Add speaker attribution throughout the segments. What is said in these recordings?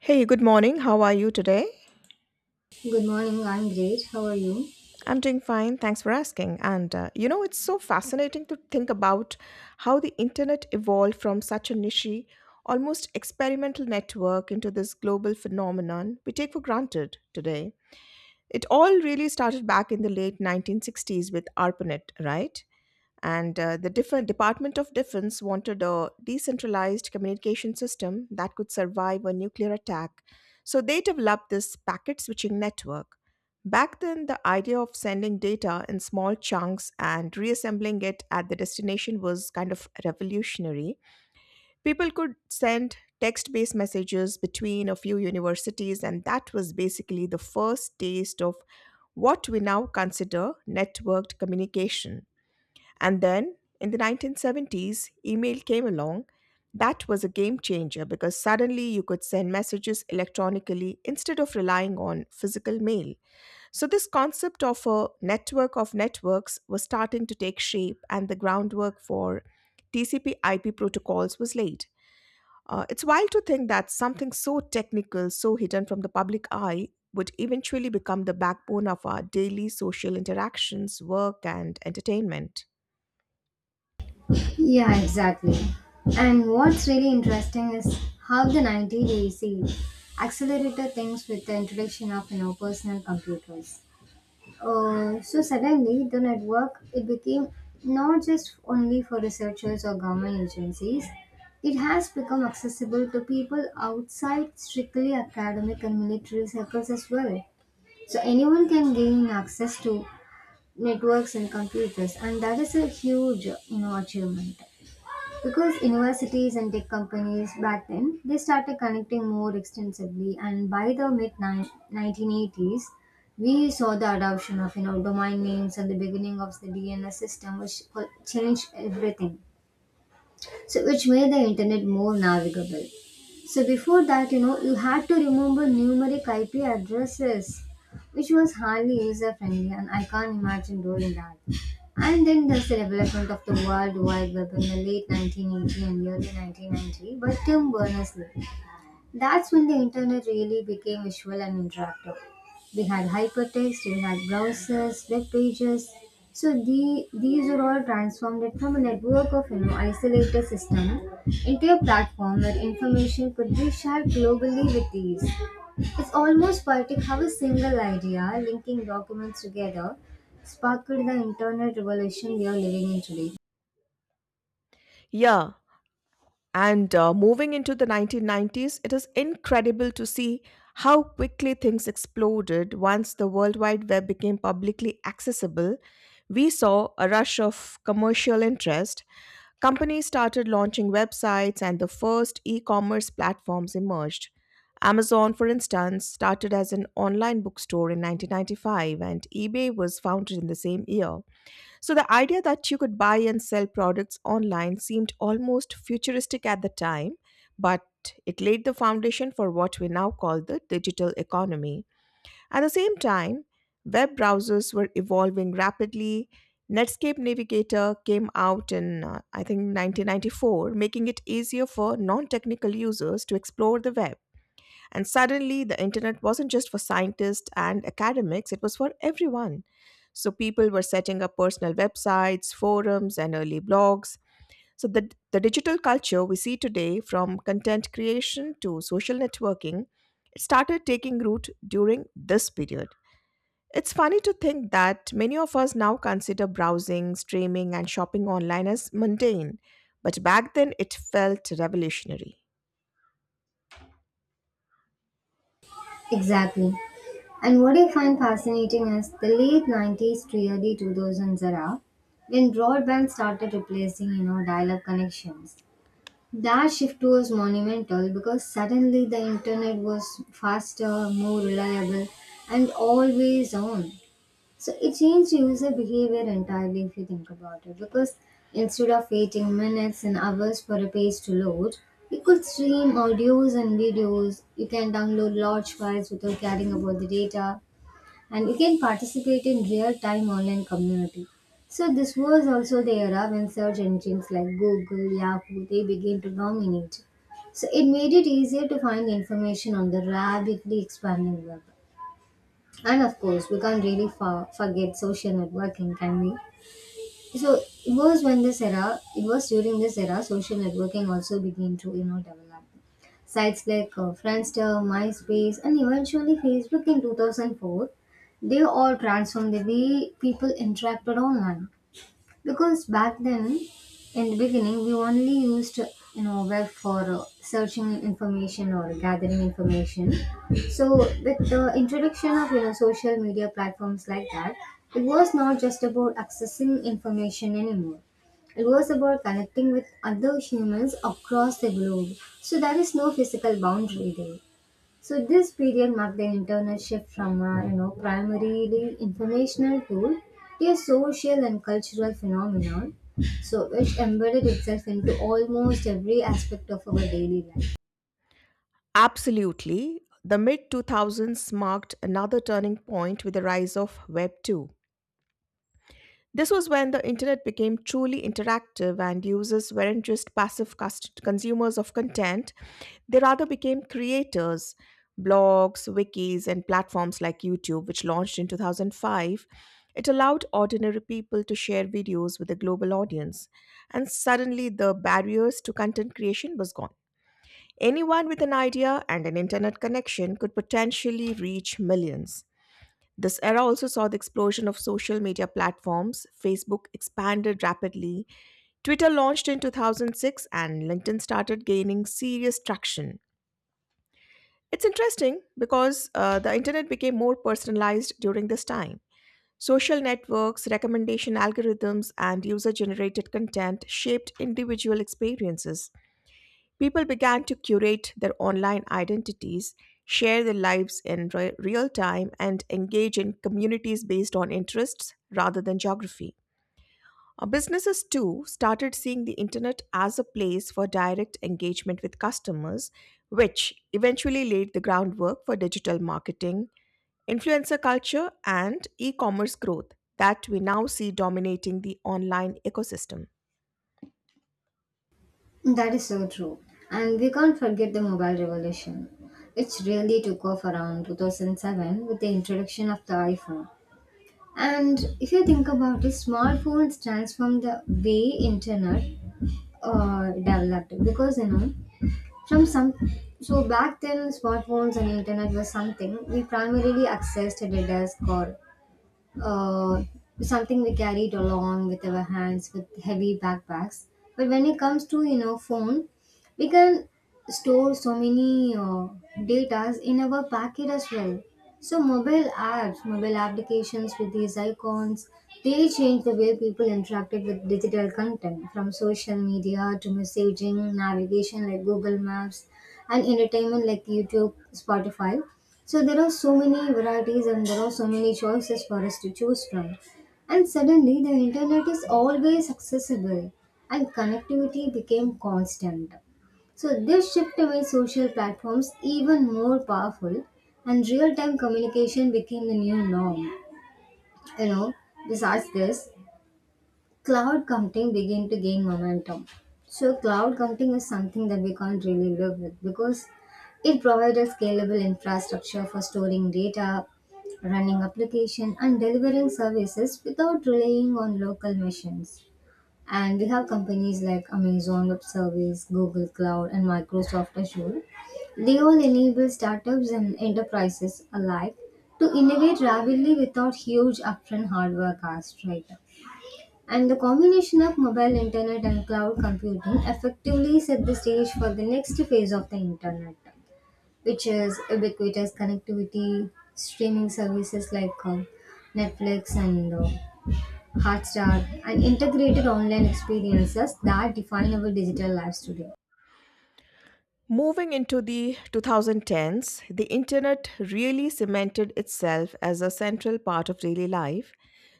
Speaker 1: Hey, good morning. How are you today?
Speaker 2: Good morning, I'm great. How are you?
Speaker 1: I'm doing fine. Thanks for asking. It's so fascinating to think about how the internet evolved from such a niche, almost experimental network into this global phenomenon we take for granted today. It all really started back in the late 1960s with ARPANET, right? And the different Department of Defense wanted a decentralized communication system that could survive a nuclear attack. So they developed this packet switching network. Back then, the idea of sending data in small chunks and reassembling it at the destination was kind of revolutionary. People could send text based messages between a few universities, and that was basically the first taste of what we now consider networked communication. And then in the 1970s, email came along. That was a game changer because suddenly you could send messages electronically instead of relying on physical mail. So, this concept of a network of networks was starting to take shape, and the groundwork for TCP IP protocols was laid. It's wild to think that something so technical, so hidden from the public eye, would eventually become the backbone of our daily social interactions, work, and entertainment.
Speaker 2: Yeah, exactly. And what's really interesting is how the 1980s accelerated things with the introduction of personal computers. So suddenly, the network it became not just only for researchers or government agencies. It has become accessible to people outside strictly academic and military circles as well. So anyone can gain access to networks and computers, and that is a huge achievement because universities and tech companies back then they started connecting more extensively, and by the mid 1980s we saw the adoption of domain names and the beginning of the DNS system, which changed everything, so which made the internet more navigable. So before that, you know, you had to remember numeric IP addresses, which was hardly user friendly, and I can't imagine doing that. And then there's the development of the World Wide Web in the late 1980 and early 1990 by Tim Berners-Lee. That's when the internet really became visual and interactive. We had hypertext, we had browsers, web pages. So these were all transformed from a network of isolated system into a platform where information could be shared globally with ease. It's almost poetic how a single idea, linking documents together, sparked the internet revolution we are living in today.
Speaker 1: Yeah, and moving into the 1990s, it is incredible to see how quickly things exploded once the World Wide Web became publicly accessible. We saw a rush of commercial interest. Companies started launching websites and the first e commerce platforms emerged. Amazon, for instance, started as an online bookstore in 1995 and eBay was founded in the same year. So the idea that you could buy and sell products online seemed almost futuristic at the time, but it laid the foundation for what we now call the digital economy. At the same time, web browsers were evolving rapidly. Netscape Navigator came out in, I think, 1994, making it easier for non technical users to explore the web. And suddenly, the internet wasn't just for scientists and academics, it was for everyone. So, people were setting up personal websites, forums, and early blogs. So, the digital culture we see today, from content creation to social networking, it started taking root during this period. It's funny to think that many of us now consider browsing, streaming, and shopping online as mundane, but back then it felt revolutionary.
Speaker 2: Exactly. And what I find fascinating is the late 90s to early 2000s era, when broadband started replacing, you know, dial-up connections. That shift was monumental because suddenly the internet was faster, more reliable, and always on. So it changed user behavior entirely if you think about it, because instead of waiting minutes and hours for a page to load, you could stream audios and videos. You can download large files without caring about the data, and you can participate in real-time online community. So this was also the era when search engines like Google, Yahoo, they began to dominate. So it made it easier to find information on the rapidly expanding web. And of course, we can't really forget social networking, can we? So it was during this era, social networking also began to develop. Sites like Friendster, MySpace, and eventually Facebook in 2004, they all transformed the way people interacted online, because back then, in the beginning, we only used web for searching information or gathering information. So with the introduction of social media platforms like that, it was not just about accessing information anymore, it was about connecting with other humans across the globe. So there is no physical boundary there. So this period marked the internal shift from primarily informational tool to a social and cultural phenomenon, so which embedded itself into almost every aspect of our daily life.
Speaker 1: Absolutely. The mid 2000s marked another turning point with the rise of Web 2. This was when the internet became truly interactive and users weren't just passive consumers of content, they rather became creators. Blogs, wikis, and platforms like YouTube, which launched in 2005, it allowed ordinary people to share videos with a global audience. And suddenly, the barriers to content creation was gone. Anyone with an idea and an internet connection could potentially reach millions. This era also saw the explosion of social media platforms. Facebook expanded rapidly, Twitter launched in 2006, and LinkedIn started gaining serious traction. It's interesting because the internet became more personalized during this time. Social networks, recommendation algorithms, and user generated content shaped individual experiences. People began to curate their online identities, share their lives in real time, and engage in communities based on interests rather than geography. Businesses too started seeing the internet as a place for direct engagement with customers, which eventually laid the groundwork for digital marketing, influencer culture, and e commerce growth that we now see dominating the online ecosystem.
Speaker 2: That is so true, and we can't forget the mobile revolution. It really took off around 2007 with the introduction of the iPhone. And if you think about it, smartphones transformed the way internet developed, because you know From some so back then smartphones and internet was something we primarily accessed data as call, uh, something we carried along with our hands with heavy backpacks. But when it comes to phone, we can store so many data in our packet as well. So mobile apps, mobile applications with these icons, they change the way people interacted with digital content, from social media to messaging, navigation like Google Maps, and entertainment like YouTube, Spotify. So there are so many varieties and there are so many choices for us to choose from. And suddenly the internet is always accessible and connectivity became constant. So this shift made social platforms even more powerful and real-time communication became the new norm. You know, besides this, cloud computing began to gain momentum. So cloud computing is something that we can't really live with, because it provides a scalable infrastructure for storing data, running application and delivering services without relying on local machines. And we have companies like Amazon Web Service, Google Cloud and Microsoft Azure. They all enable startups and enterprises alike to innovate rapidly without huge upfront hardware costs, right? And the combination of mobile internet and cloud computing effectively set the stage for the next phase of the internet, which is ubiquitous connectivity, streaming services like Netflix and Hotstar, and integrated online experiences that define our digital lives today.
Speaker 1: Moving into the 2010s, the internet really cemented itself as a central part of daily life.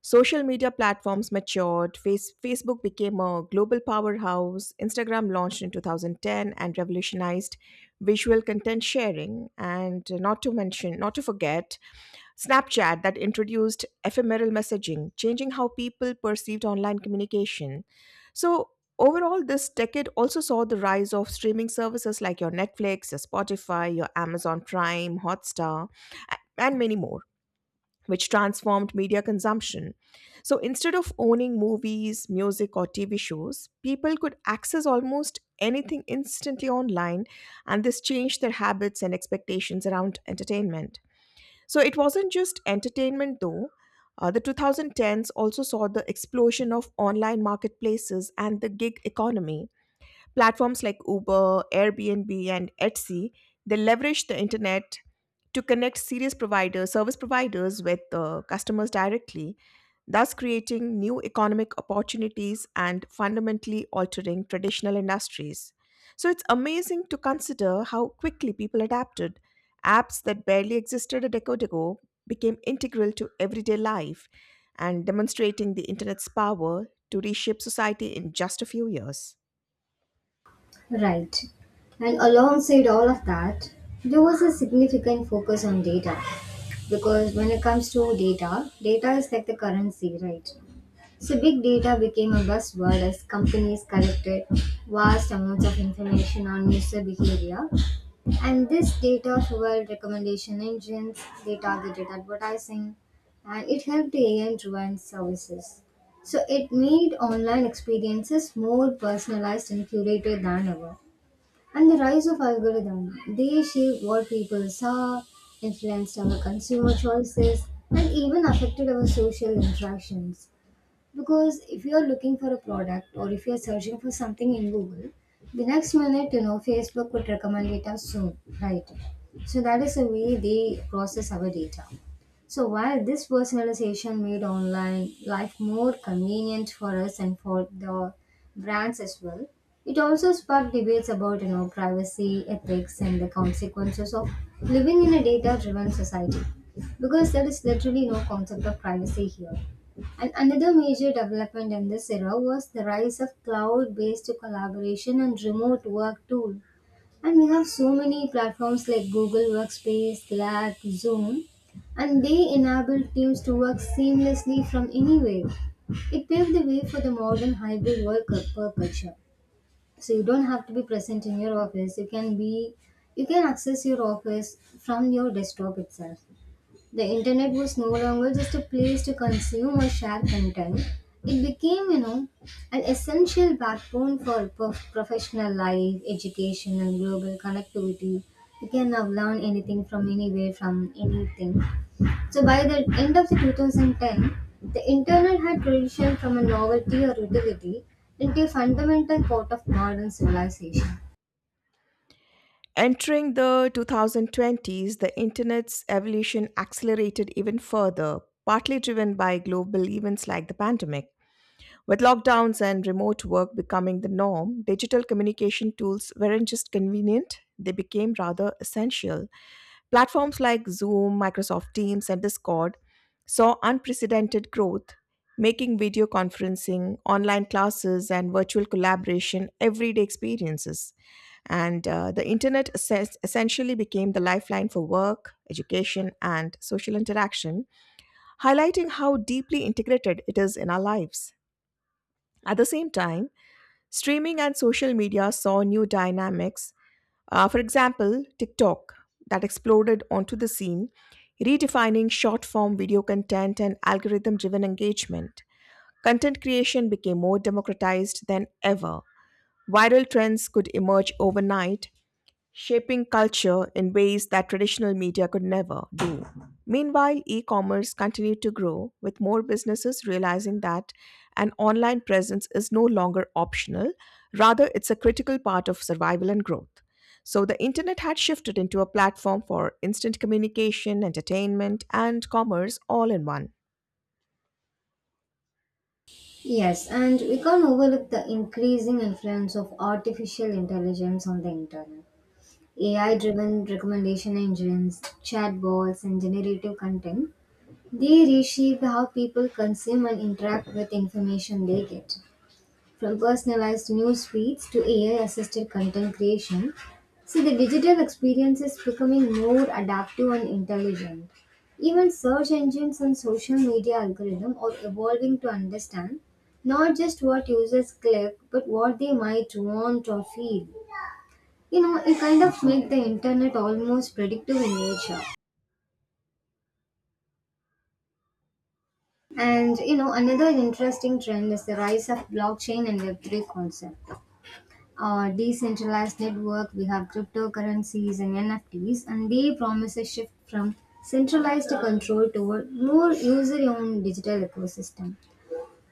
Speaker 1: Social media platforms matured, Facebook became a global powerhouse, Instagram launched in 2010 and revolutionized visual content sharing, and not to mention, not to forget, Snapchat, that introduced ephemeral messaging, changing how people perceived online communication. So, overall, this decade also saw the rise of streaming services like your Netflix, your Spotify, your Amazon Prime, Hotstar, and many more, which transformed media consumption. So, instead of owning movies, music, or TV shows, people could access almost anything instantly online, and this changed their habits and expectations around entertainment. So it wasn't just entertainment though. The 2010s also saw the explosion of online marketplaces and the gig economy. Platforms like Uber, Airbnb, and Etsy, they leverage the internet to connect serious providers, service providers with customers directly, thus creating new economic opportunities and fundamentally altering traditional industries. So it's amazing to consider how quickly people adapted. Apps that barely existed a decade ago became integral to everyday life and demonstrating the internet's power to reshape society in just a few years.
Speaker 2: Right. And alongside all of that, there was a significant focus on data, because when it comes to data, data is like the currency, right? So, big data became a buzzword as companies collected vast amounts of information on user behavior, and this data fueled recommendation engines, they targeted advertising, and it helped AI driven services. So, it made online experiences more personalized and curated than ever. And the rise of algorithms, they shaped what people saw, influenced our consumer choices, and even affected our social interactions, because if you are looking for a product, or if you are searching for something in Google, the next minute you know Facebook would recommend it us soon, right? So that is the way they process our data. So while this personalization made online life more convenient for us and for the brands as well, it also sparked debates about privacy, ethics, and the consequences of living in a data-driven society. Because there is literally no concept of privacy here. And another major development in this era was the rise of cloud based collaboration and remote work tools. And we have so many platforms like Google Workspace, Slack, Zoom, and they enable teams to work seamlessly from anywhere. It paved the way for the modern hybrid work culture. So you don't have to be present in your office. You can access your office from your desktop itself. The internet was no longer just a place to consume or share content. It became, you know, an essential backbone for professional life, education, and global connectivity. You can now learn anything from anywhere, from anything. So by the end of the 2010, the internet had transitioned from a novelty or utility into a fundamental part of modern civilization.
Speaker 1: Entering the 2020s, the internet's evolution accelerated even further, partly driven by global events like the pandemic. With lockdowns and remote work becoming the norm, digital communication tools weren't just convenient, they became rather essential. Platforms like Zoom, Microsoft Teams, and Discord saw unprecedented growth, making video conferencing, online classes, and virtual collaboration everyday experiences. And the internet essentially became the lifeline for work, education, and social interaction, highlighting how deeply integrated it is in our lives. At the same time, streaming and social media saw new dynamics, for example, TikTok, that exploded onto the scene, redefining short form video content and algorithm driven engagement. Content creation became more democratized than ever. Viral trends could emerge overnight, shaping culture in ways that traditional media could never. Meanwhile, e commerce continued to grow, with more businesses realizing that an online presence is no longer optional, rather, it's a critical part of survival and growth. So, the internet had shifted into a platform for instant communication, entertainment, and commerce all in one.
Speaker 2: Yes, and we can't overlook the increasing influence of artificial intelligence on the internet. AI driven recommendation engines, chatbots, and generative content, they reshape how people consume and interact with information they get. From personalized news feeds to AI assisted content creation, see the digital experience is becoming more adaptive and intelligent. Even search engines and social media algorithms are evolving to understand not just what users click but what they might want or feel. You know, it kind of make the internet almost predictive in nature. And you know, another interesting trend is the rise of blockchain and Web3 concept. Decentralized network, we have cryptocurrencies and NFTs, and they promise a shift from centralized control toward more user-owned digital ecosystem.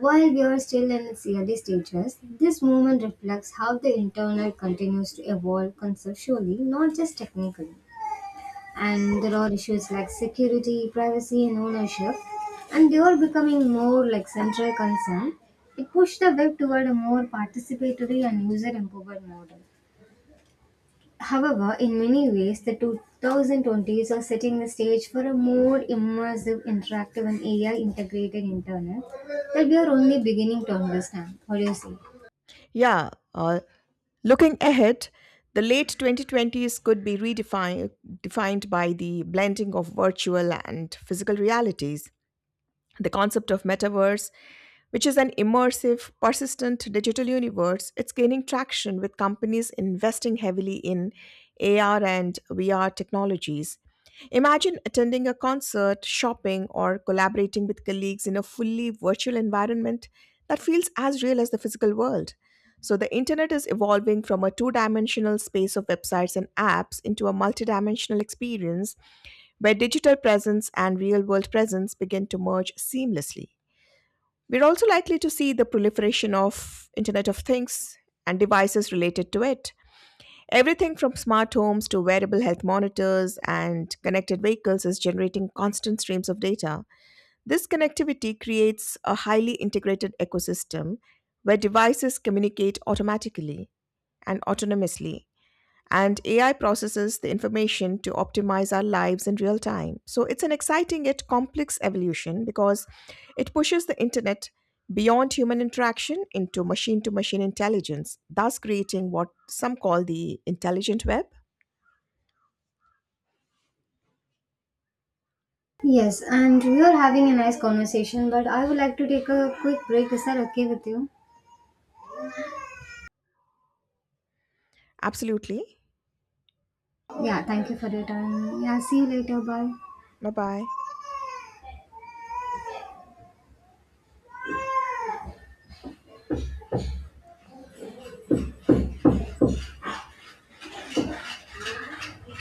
Speaker 2: While we are still in its early stages, this movement reflects how the internet continues to evolve conceptually, not just technically. And there are issues like security, privacy, and ownership, and they are becoming more like central concern. It pushed the web toward a more participatory and user-empowered model. However, in many ways, the 2020s are setting the stage for a more immersive, interactive, and AI integrated internet that we are only beginning to understand. What do you say?
Speaker 1: Yeah, uh, looking ahead, the late 2020s could be redefined defined by the blending of virtual and physical realities. The concept of metaverse, which is an immersive, persistent digital universe, it's gaining traction with companies investing heavily in AR and VR technologies. Imagine attending a concert, shopping, or collaborating with colleagues in a fully virtual environment that feels as real as the physical world. So, the internet is evolving from a two dimensional space of websites and apps into a multidimensional experience where digital presence and real world presence begin to merge seamlessly. We're also likely to see the proliferation of Internet of Things and devices related to it. Everything from smart homes to wearable health monitors and connected vehicles is generating constant streams of data. This connectivity creates a highly integrated ecosystem where devices communicate automatically and autonomously, and AI processes the information to optimize our lives in real time. So it's an exciting yet complex evolution because it pushes the internet beyond human interaction into machine to machine intelligence, thus creating what some call the intelligent web.
Speaker 2: Yes, and we are having a nice conversation, but I would like to take a quick break. Is that okay with you?
Speaker 1: Absolutely.
Speaker 2: Yeah, thank you for your time. Yeah, see you later. Bye.
Speaker 1: Bye bye.